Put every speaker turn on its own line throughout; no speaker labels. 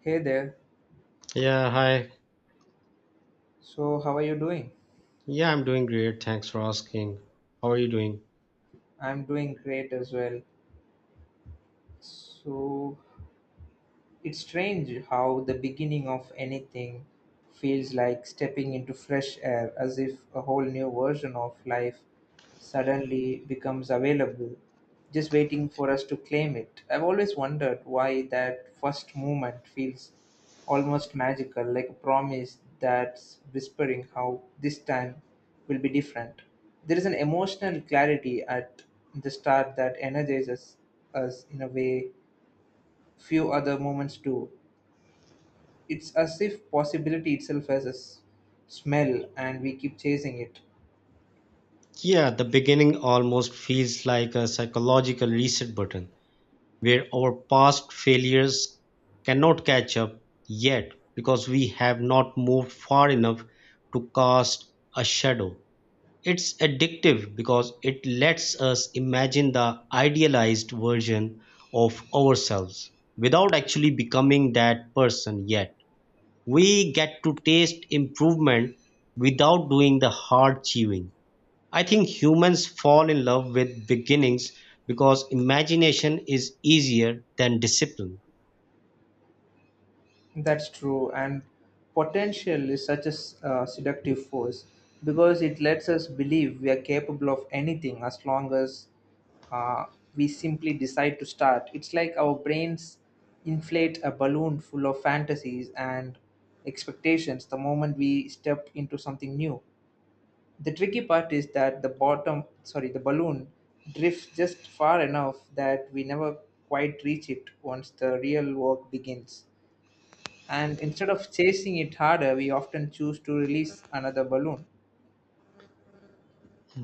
Hey there.
Yeah, hi.
So, how are you doing?
Yeah, I'm doing great. Thanks for asking. How are you doing?
I'm doing great as well. So, It's strange how the beginning of anything feels like stepping into fresh air, as if a whole new version of life suddenly becomes available, just waiting for us to claim it. I've always wondered why that first moment feels almost magical, like a promise that's whispering how this time will be different. There is an emotional clarity at the start that energizes us in a way few other moments do. It's as if possibility itself has a smell and we keep chasing it.
Yeah, the beginning almost feels like a psychological reset button where our past failures cannot catch up yet because we have not moved far enough to cast a shadow. It's addictive because it lets us imagine the idealized version of ourselves without actually becoming that person yet we get to taste improvement without doing the hard chewing. I think humans fall in love with beginnings because imagination is easier than discipline.
That's true. And potential is such a seductive force because it lets us believe we are capable of anything as long as uh, we simply decide to start. It's like our brains inflate a balloon full of fantasies and expectations the moment we step into something new. The tricky part is that the balloon drifts just far enough that we never quite reach it once the real work begins. And instead of chasing it harder, we often choose to release another balloon.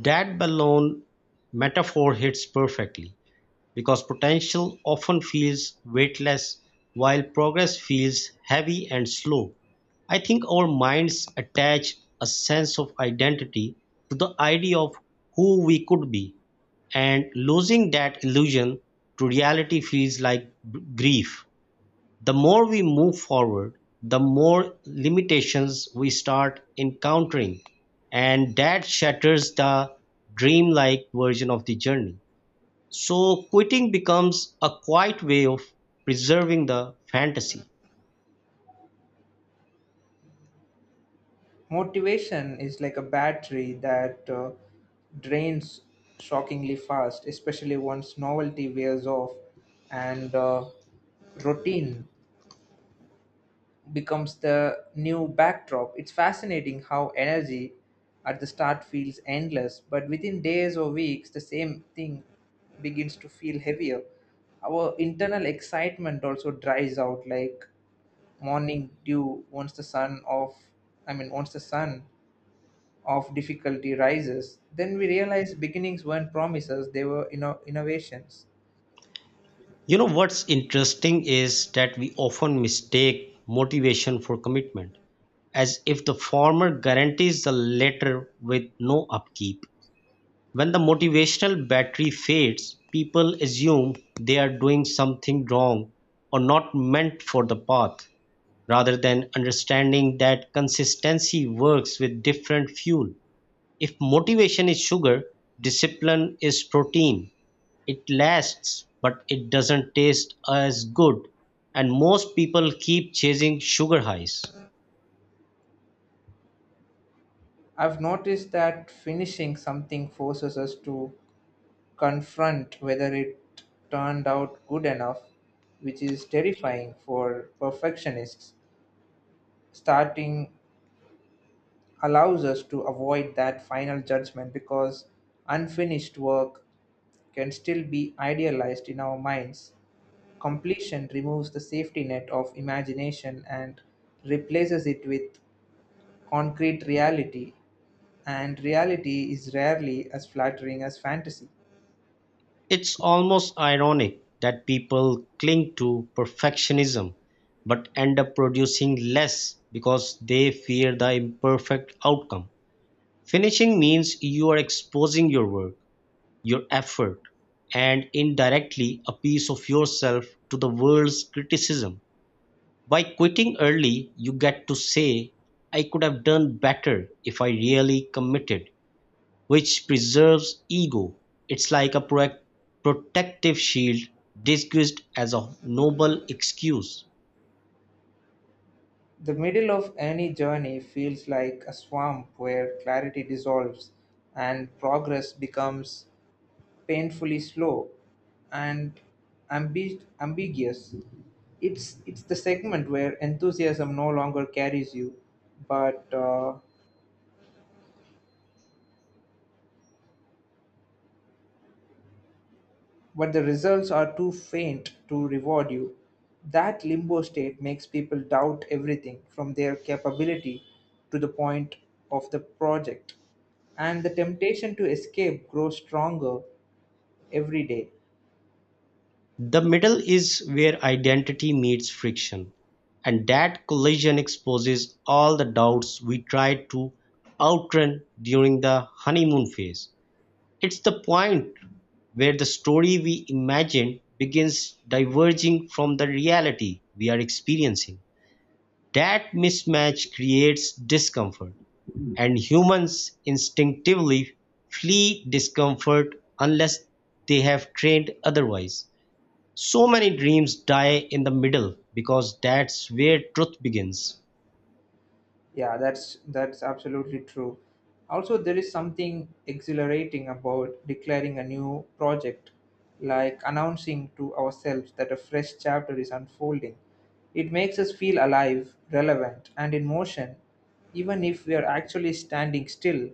That balloon metaphor hits perfectly, because potential often feels weightless while progress feels heavy and slow. I think our minds attach a sense of identity to the idea of who we could be, and losing that illusion to reality feels like grief. The more we move forward, the more limitations we start encountering, and that shatters the dreamlike version of the journey. So quitting becomes a quiet way of preserving the fantasy.
Motivation is like a battery that drains shockingly fast, especially once novelty wears off and routine becomes the new backdrop. It's fascinating how energy at the start feels endless, but within days or weeks, the same thing begins to feel heavier. Our internal excitement also dries out like morning dew once the sun of difficulty rises. Then we realize beginnings weren't promises, they were innovations.
You know what's interesting is that we often mistake motivation for commitment, as if the former guarantees the latter with no upkeep. When the motivational battery fades, people assume they are doing something wrong or not meant for the path, rather than understanding that consistency works with different fuel. If motivation is sugar, discipline is protein. It lasts, but it doesn't taste as good, and most people keep chasing sugar highs.
I've noticed that finishing something forces us to confront whether it turned out good enough, which is terrifying for perfectionists. Starting allows us to avoid that final judgment because unfinished work can still be idealized in our minds. Completion removes the safety net of imagination and replaces it with concrete reality, and reality is rarely as flattering as fantasy.
It's almost ironic that people cling to perfectionism but end up producing less because they fear the imperfect outcome. Finishing means you are exposing your work, your effort, and indirectly a piece of yourself to the world's criticism. By quitting early, you get to say, I could have done better if I really committed, which preserves ego. It's like a protective shield disguised as a noble excuse.
The middle of any journey feels like a swamp where clarity dissolves and progress becomes painfully slow and ambiguous. It's the segment where enthusiasm no longer carries you, but uh, but the results are too faint to reward you. That limbo state makes people doubt everything from their capability to the point of the project, and the temptation to escape grows stronger every day.
The middle is where identity meets friction, and that collision exposes all the doubts we try to outrun during the honeymoon phase. It's the point where the story we imagine begins diverging from the reality we are experiencing. That mismatch creates discomfort, and humans instinctively flee discomfort unless they have trained otherwise. So many dreams die in the middle because that's where truth begins.
Yeah, that's absolutely true. Also, there is something exhilarating about declaring a new project, like announcing to ourselves that a fresh chapter is unfolding. It makes us feel alive, relevant, and in motion, even if we are actually standing still.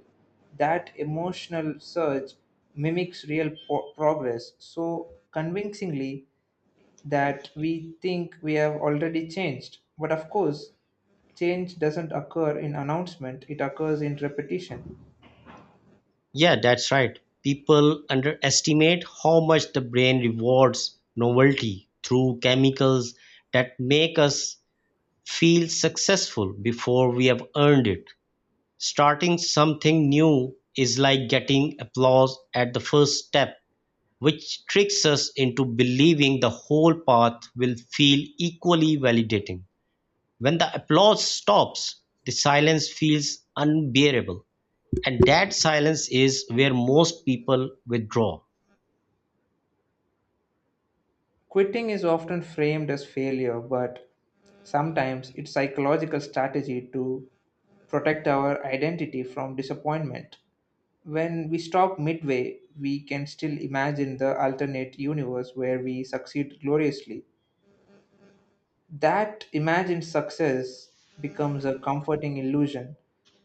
That emotional surge mimics real progress so convincingly that we think we have already changed. But of course, change doesn't occur in announcement, it occurs in repetition.
Yeah, that's right. People underestimate how much the brain rewards novelty through chemicals that make us feel successful before we have earned it. Starting something new is like getting applause at the first step, which tricks us into believing the whole path will feel equally validating. When the applause stops, the silence feels unbearable, and that silence is where most people withdraw.
Quitting is often framed as failure, but sometimes it's psychological strategy to protect our identity from disappointment. When we stop midway, we can still imagine the alternate universe where we succeed gloriously. That imagined success becomes a comforting illusion,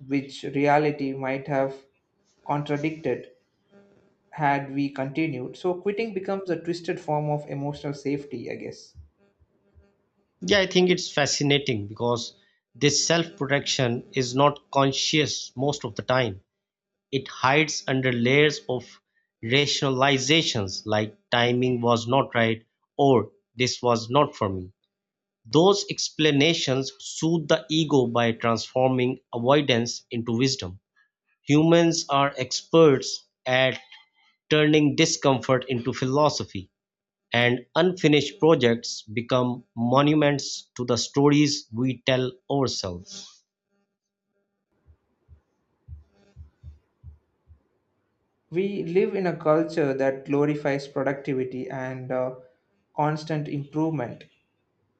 which reality might have contradicted had we continued. So, quitting becomes a twisted form of emotional safety, I guess.
Yeah, I think it's fascinating because this self protection is not conscious most of the time. It hides under layers of rationalizations like timing was not right or this was not for me. Those explanations soothe the ego by transforming avoidance into wisdom. Humans are experts at turning discomfort into philosophy, and unfinished projects become monuments to the stories we tell ourselves.
We live in a culture that glorifies productivity and constant improvement,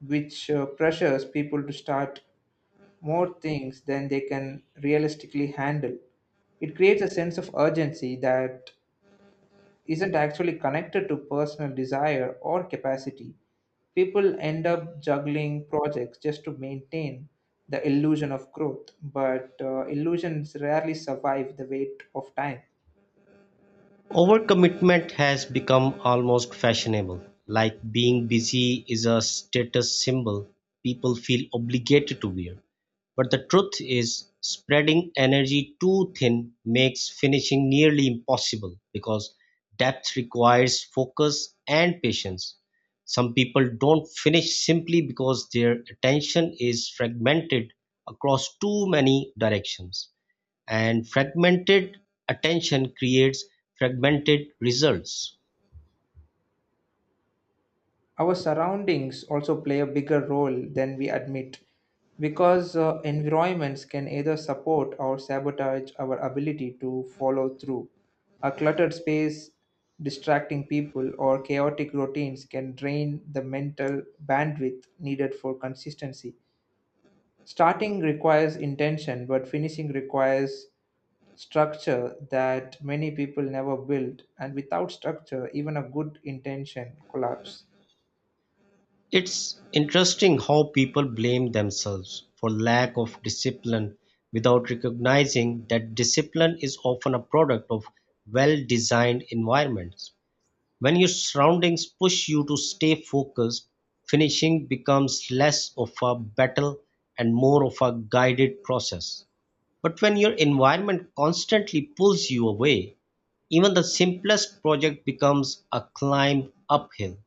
which pressures people to start more things than they can realistically handle. It creates a sense of urgency that isn't actually connected to personal desire or capacity. People end up juggling projects just to maintain the illusion of growth, but illusions rarely survive the weight of time.
Overcommitment has become almost fashionable, like being busy is a status symbol people feel obligated to wear. But the truth is, spreading energy too thin makes finishing nearly impossible because depth requires focus and patience. Some people don't finish simply because their attention is fragmented across too many directions, and fragmented attention creates fragmented results.
Our surroundings also play a bigger role than we admit because environments can either support or sabotage our ability to follow through. A cluttered space, distracting people, or chaotic routines can drain the mental bandwidth needed for consistency. Starting requires intention, but finishing requires structure that many people never build. And without structure, even a good intention collapses.
It's interesting how people blame themselves for lack of discipline without recognizing that discipline is often a product of well designed environments. When your surroundings push you to stay focused, finishing becomes less of a battle and more of a guided process. But when your environment constantly pulls you away, even the simplest project becomes a climb uphill.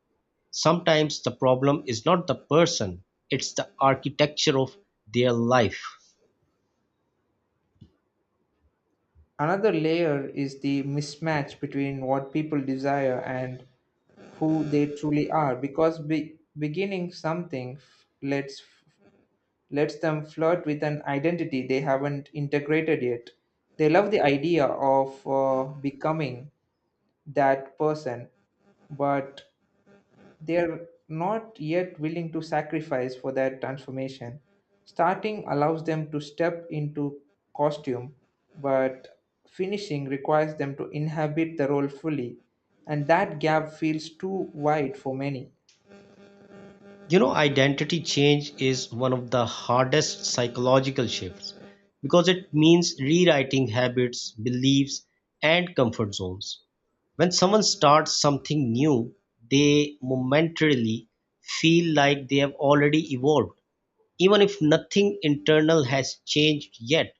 Sometimes the problem is not the person, it's the architecture of their life.
Another layer is the mismatch between what people desire and who they truly are, because beginning something lets them flirt with an identity they haven't integrated yet. They love the idea of becoming that person, but they're not yet willing to sacrifice for that transformation. Starting allows them to step into costume, but finishing requires them to inhabit the role fully, and that gap feels too wide for many.
You know, identity change is one of the hardest psychological shifts because it means rewriting habits, beliefs, and comfort zones. When someone starts something new, they momentarily feel like they have already evolved, even if nothing internal has changed yet.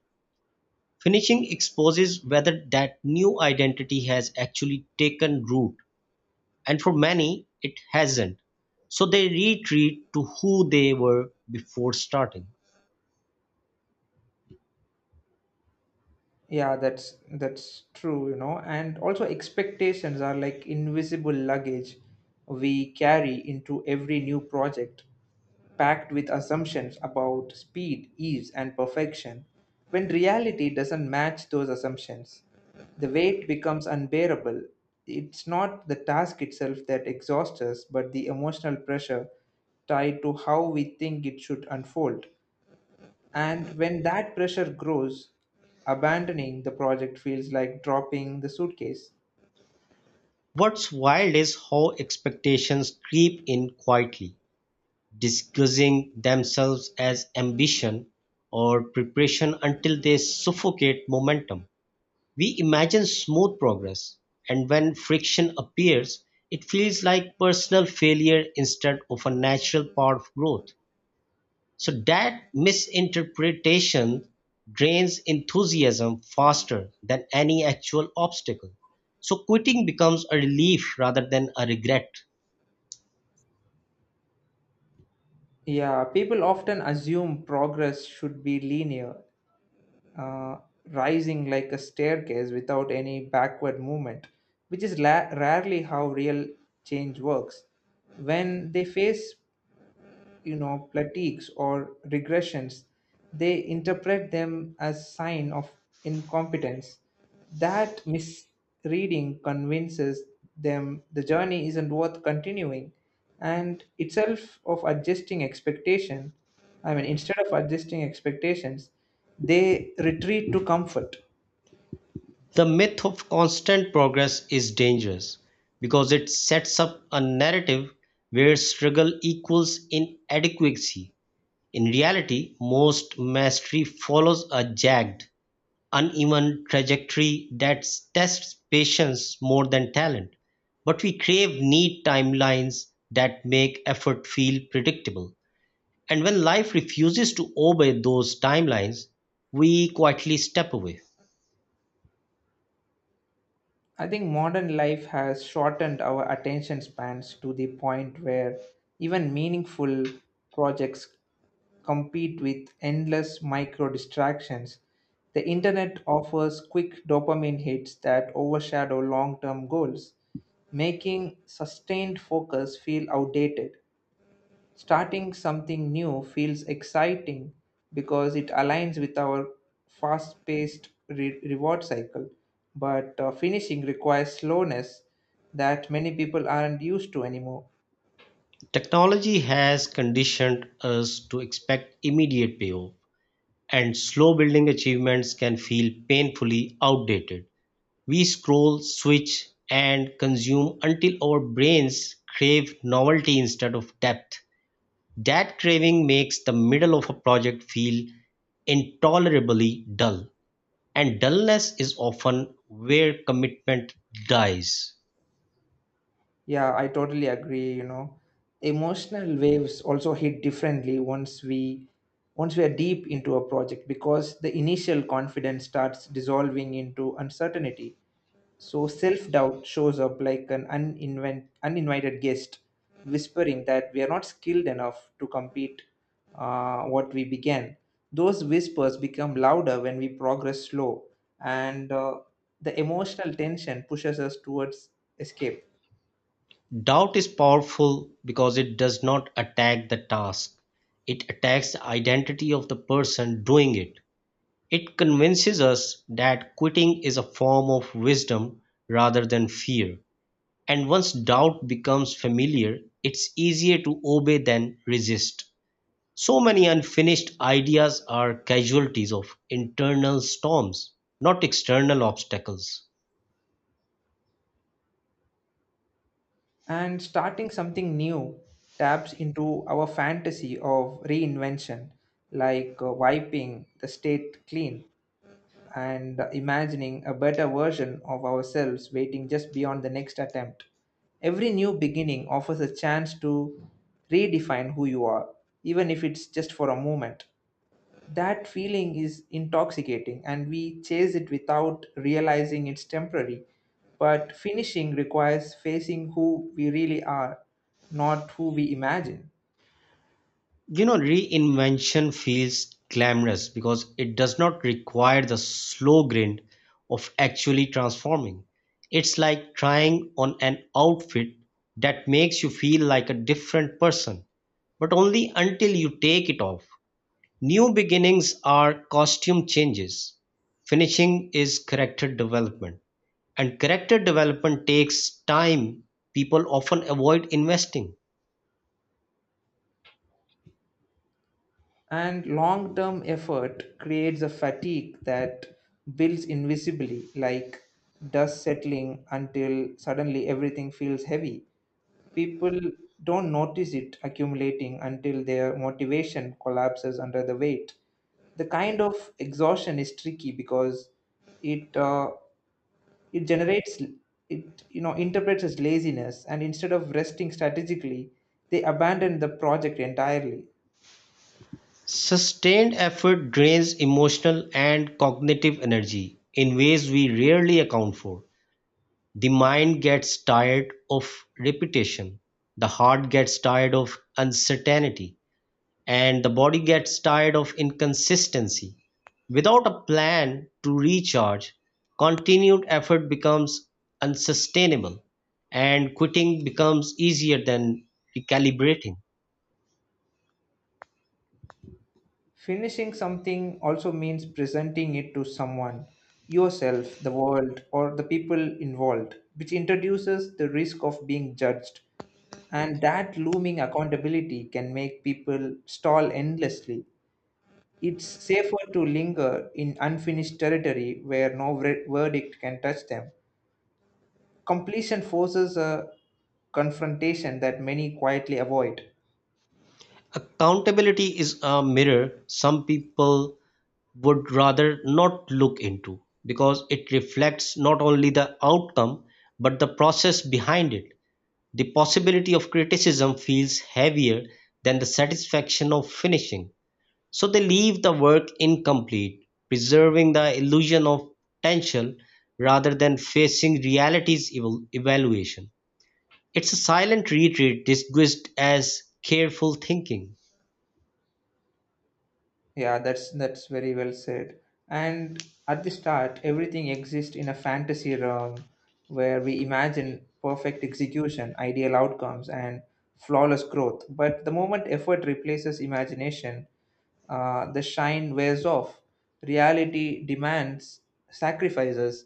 Finishing exposes whether that new identity has actually taken root, and for many, it hasn't. So they retreat to who they were before starting.
Yeah, that's true, you know. And also expectations are like invisible luggage we carry into every new project, packed with assumptions about speed, ease, and perfection. When reality doesn't match those assumptions, the weight becomes unbearable. It's not the task itself that exhausts us, but the emotional pressure tied to how we think it should unfold. And when that pressure grows, abandoning the project feels like dropping the suitcase.
What's wild is how expectations creep in quietly, disguising themselves as ambition or preparation until they suffocate momentum. We imagine smooth progress, and when friction appears, it feels like personal failure instead of a natural part of growth. So that misinterpretation drains enthusiasm faster than any actual obstacle. So quitting becomes a relief rather than a regret.
Yeah, people often assume progress should be linear, uh, rising like a staircase without any backward movement, which is rarely how real change works. When they face, you know, plateaus or regressions, they interpret them as sign of incompetence. That misreading convinces them the journey isn't worth continuing. And itself of adjusting expectation I mean Instead of adjusting expectations, they retreat to comfort.
The myth of constant progress is dangerous because it sets up a narrative where struggle equals inadequacy. In reality, most mastery follows a jagged, uneven trajectory that tests patience more than talent. But we crave neat timelines that make effort feel predictable. And when life refuses to obey those timelines, we quietly step away.
I think modern life has shortened our attention spans to the point where even meaningful projects compete with endless micro distractions. The internet offers quick dopamine hits that overshadow long term goals, making sustained focus feel outdated. Starting something new feels exciting because it aligns with our fast paced reward cycle, but finishing requires slowness that many people aren't used to anymore.
Technology has conditioned us to expect immediate payoff, and slow building achievements can feel painfully outdated. We scroll, switch, and consume until our brains crave novelty instead of depth. That craving makes the middle of a project feel intolerably dull, and dullness is often where commitment dies.
Yeah, I totally agree, you know. Emotional waves also hit differently once we are deep into a project because the initial confidence starts dissolving into uncertainty. So self doubt shows up like an uninvited guest, whispering that we are not skilled enough to compete what we began. Those whispers become louder when we progress slow, and the emotional tension pushes us towards escape.
Doubt is powerful because it does not attack the task, it attacks the identity of the person doing it. It convinces us that quitting is a form of wisdom rather than fear. And once doubt becomes familiar, it's easier to obey than resist. So many unfinished ideas are casualties of internal storms, not external obstacles.
And starting something new taps into our fantasy of reinvention, like wiping the state clean and imagining a better version of ourselves waiting just beyond the next attempt. Every new beginning offers a chance to redefine who you are, even if it's just for a moment. That feeling is intoxicating, and we chase it without realizing it's temporary. But finishing requires facing who we really are, not who we imagine.
You know, reinvention feels glamorous because it does not require the slow grind of actually transforming. It's like trying on an outfit that makes you feel like a different person, but only until you take it off. New beginnings are costume changes, finishing is character development, and character development takes time people often avoid investing.
And long term effort creates a fatigue that builds invisibly, like dust settling until suddenly everything feels heavy. People don't notice it accumulating until their motivation collapses under the weight. The kind of exhaustion is tricky because it uh, it generates it interprets as laziness, and instead of resting strategically, they abandon the project entirely.
Sustained effort drains emotional and cognitive energy in ways we rarely account for. The mind gets tired of repetition, the heart gets tired of uncertainty, and the body gets tired of inconsistency. Without a plan to recharge, continued effort becomes unsustainable and quitting becomes easier than recalibrating.
Finishing something also means presenting it to someone, yourself, the world, or the people involved, which introduces the risk of being judged. And that looming accountability can make people stall endlessly. It's safer to linger in unfinished territory where no verdict can touch them. Completion forces a confrontation that many quietly avoid.
Accountability is a mirror some people would rather not look into because it reflects not only the outcome but the process behind it. The possibility of criticism feels heavier than the satisfaction of finishing. So they leave the work incomplete, preserving the illusion of potential rather than facing reality's evaluation. It's a silent retreat disguised as careful thinking.
Yeah, that's very well said. And at the start, everything exists in a fantasy realm where we imagine perfect execution, ideal outcomes, and flawless growth. But the moment effort replaces imagination, the shine wears off. Reality demands sacrifices,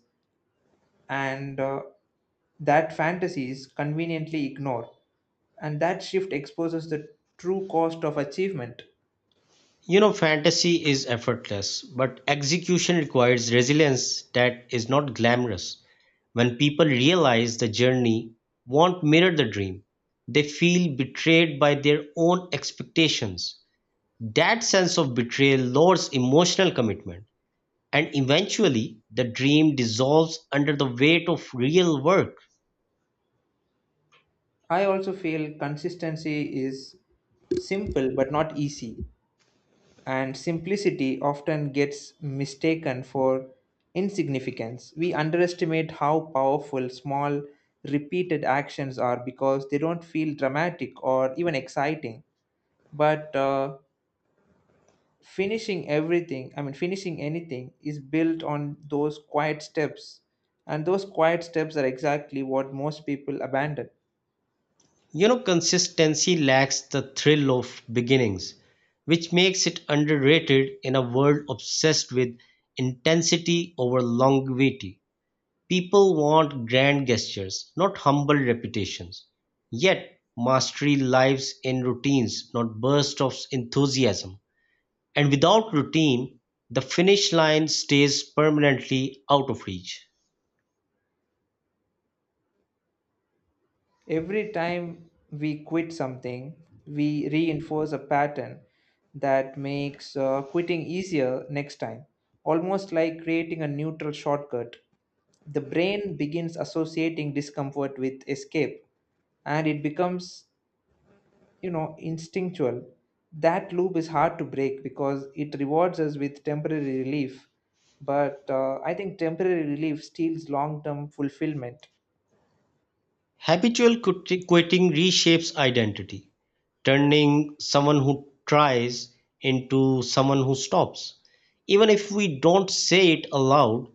and that fantasies conveniently ignore. And that shift exposes the true cost of achievement.
You know, fantasy is effortless, but execution requires resilience that is not glamorous. When people realize the journey won't mirror the dream, they feel betrayed by their own expectations. That sense of betrayal lowers emotional commitment and eventually the dream dissolves under the weight of real work.
I also feel consistency is simple but not easy, and simplicity often gets mistaken for insignificance. We underestimate how powerful small, repeated actions are because they don't feel dramatic or even exciting. But finishing everything, I mean, finishing anything is built on those quiet steps, and those quiet steps are exactly what most people abandon.
You know, consistency lacks the thrill of beginnings, which makes it underrated in a world obsessed with intensity over longevity. People want grand gestures, not humble reputations. Yet, mastery lives in routines, not bursts of enthusiasm. And without routine, the finish line stays permanently out of reach.
Every time we quit something, we reinforce a pattern that makes quitting easier next time, almost like creating a neutral shortcut. The brain begins associating discomfort with escape and it becomes, you know, instinctual. That loop is hard to break because it rewards us with temporary relief, but I think temporary relief steals long term fulfillment.
Habitual quitting reshapes identity, turning someone who tries into someone who stops. Even if we don't say it aloud,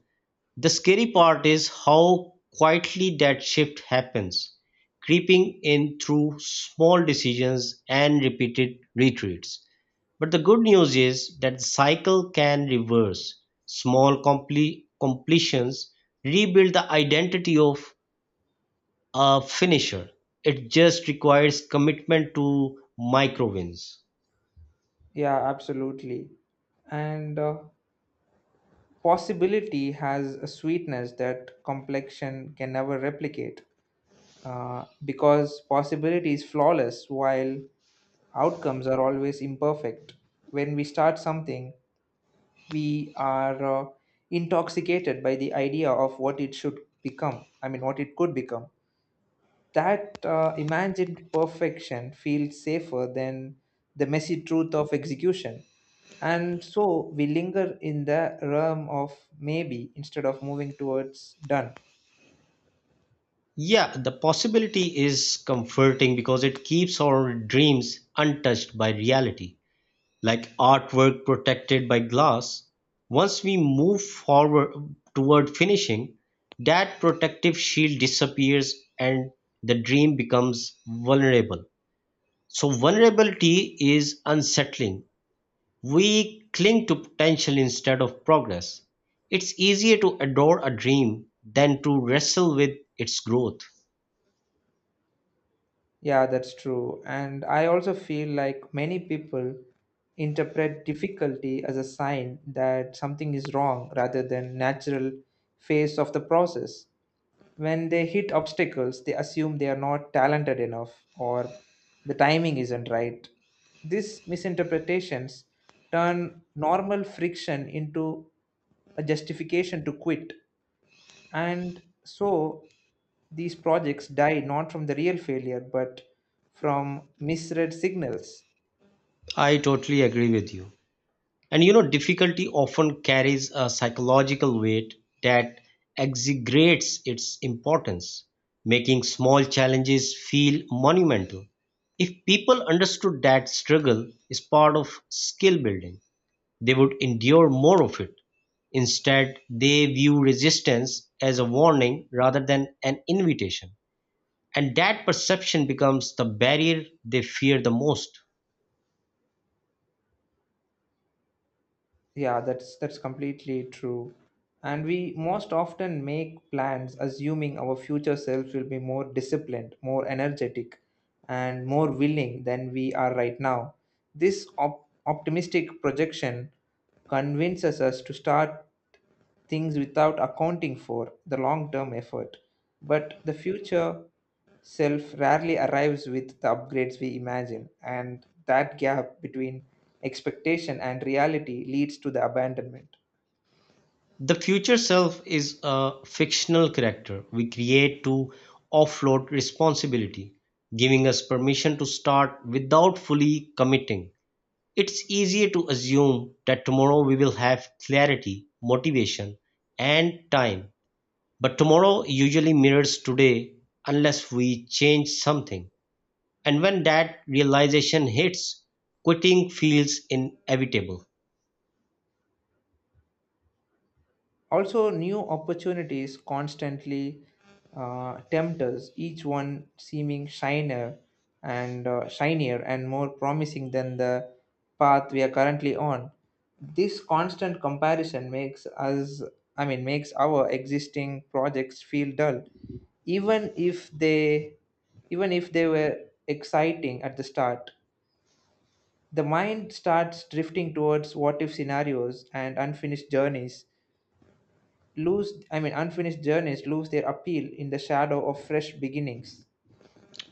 the scary part is how quietly that shift happens, creeping in through small decisions and repeated retreats. But the good news is that the cycle can reverse. Small completions rebuild the identity of a finisher. It just requires commitment to micro wins.
Yeah, absolutely. And possibility has a sweetness that complexion can never replicate because possibility is flawless while outcomes are always imperfect. When we start something, we are intoxicated by the idea of what it could become. That imagined perfection feels safer than the messy truth of execution. And so we linger in the realm of maybe instead of moving towards done.
Yeah, the possibility is comforting because it keeps our dreams untouched by reality, like artwork protected by glass. Once we move forward toward finishing, that protective shield disappears and the dream becomes vulnerable. So, vulnerability is unsettling. We cling to potential instead of progress. It's easier to adore a dream than to wrestle with its growth.
Yeah, that's true. And I also feel like many people interpret difficulty as a sign that something is wrong rather than natural phase of the process. When they hit obstacles, they assume they are not talented enough or the timing isn't right. These misinterpretations turn normal friction into a justification to quit. And so these projects die not from the real failure but from misread signals.
I totally agree with you. And you know, difficulty often carries a psychological weight that exaggerates its importance, making small challenges feel monumental. If people understood that struggle is part of skill building, they would endure more of it. Instead, they view resistance as a warning rather than an invitation. And that perception becomes the barrier they fear the most.
Yeah, that's completely true. And we most often make plans assuming our future selves will be more disciplined, more energetic, and more willing than we are right now. This optimistic projection convinces us to start things without accounting for the long term effort. But the future self rarely arrives with the upgrades we imagine, and that gap between expectation and reality leads to the abandonment.
The future self is a fictional character we create to offload responsibility, giving us permission to start without fully committing. It's easier to assume that tomorrow we will have clarity, motivation, and time. But tomorrow usually mirrors today unless we change something. And when that realization hits, quitting feels inevitable.
Also, new opportunities constantly tempt us, each one seeming shiner and shinier and more promising than the path we are currently on. This constant comparison makes us I mean makes our existing projects feel dull, even if they were exciting at the start. The mind starts drifting towards what if scenarios, and unfinished journeys lose their appeal in the shadow of fresh beginnings.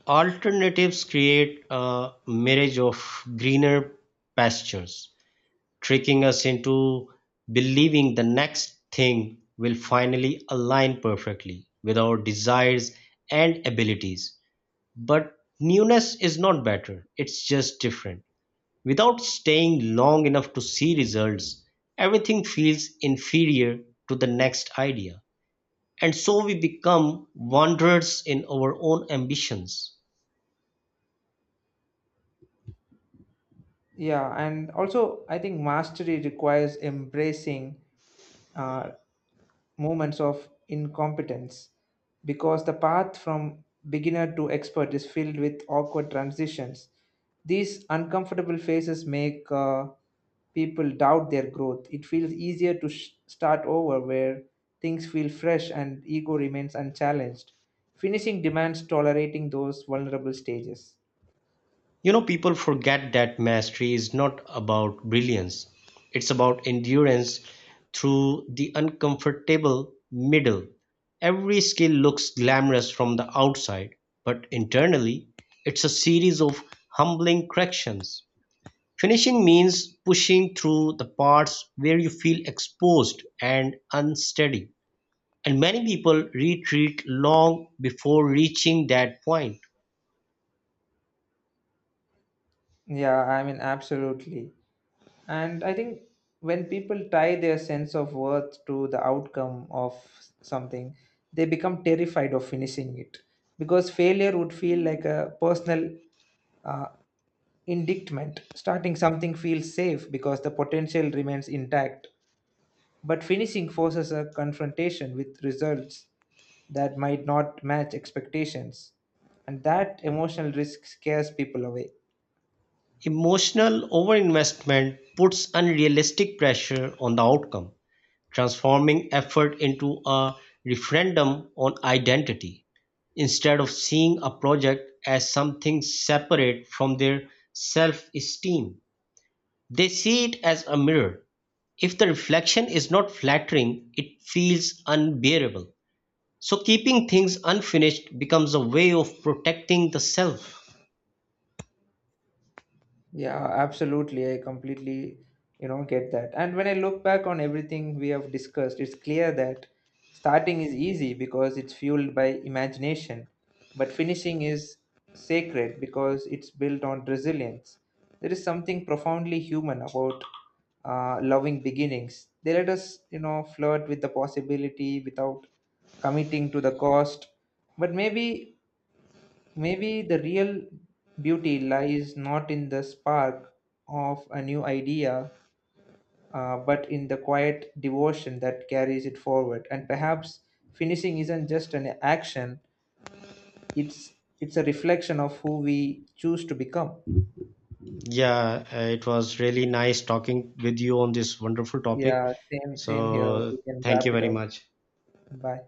Alternatives create a mirage of greener pastures, tricking us into believing the next thing will finally align perfectly with our desires and abilities. But newness is not better, it's just different. Without staying long enough to see results, everything feels inferior to the next idea. And so we become wanderers in our own ambitions.
Yeah, and also I think mastery requires embracing uh, moments of incompetence because the path from beginner to expert is filled with awkward transitions. These uncomfortable phases make people doubt their growth. It feels easier to start over where things feel fresh and ego remains unchallenged. Finishing demands tolerating those vulnerable stages.
You know, people forget that mastery is not about brilliance, it's about endurance through the uncomfortable middle. Every skill looks glamorous from the outside, but internally, it's a series of humbling corrections. Finishing means pushing through the parts where you feel exposed and unsteady, and many people retreat long before reaching that point.
Yeah, I mean, absolutely. And I think when people tie their sense of worth to the outcome of something, they become terrified of finishing it because failure would feel like a personal uh, indictment. Starting something feels safe because the potential remains intact, but finishing forces a confrontation with results that might not match expectations, and that emotional risk scares people away.
Emotional overinvestment puts unrealistic pressure on the outcome, transforming effort into a referendum on identity. Instead of seeing a project as something separate from their self esteem, they see it as a mirror. If the reflection is not flattering, it feels unbearable. So, keeping things unfinished becomes a way of protecting the self.
Yeah, absolutely. I completely, you know, get that. And when I look back on everything we have discussed, it's clear that starting is easy because it's fueled by imagination, but finishing is sacred because it's built on resilience. There is something profoundly human about loving beginnings. They let us, you know, flirt with the possibility without committing to the cost. But maybe Maybe the real beauty lies not in the spark of a new idea, but in the quiet devotion that carries it forward. And perhaps finishing isn't just an action; it's it's a reflection of who we choose to become.
Yeah, it was really nice talking with you on this wonderful topic.
Yeah, same here. We
So,
can
thank
wrap
you
it
very
up.
much.
Bye.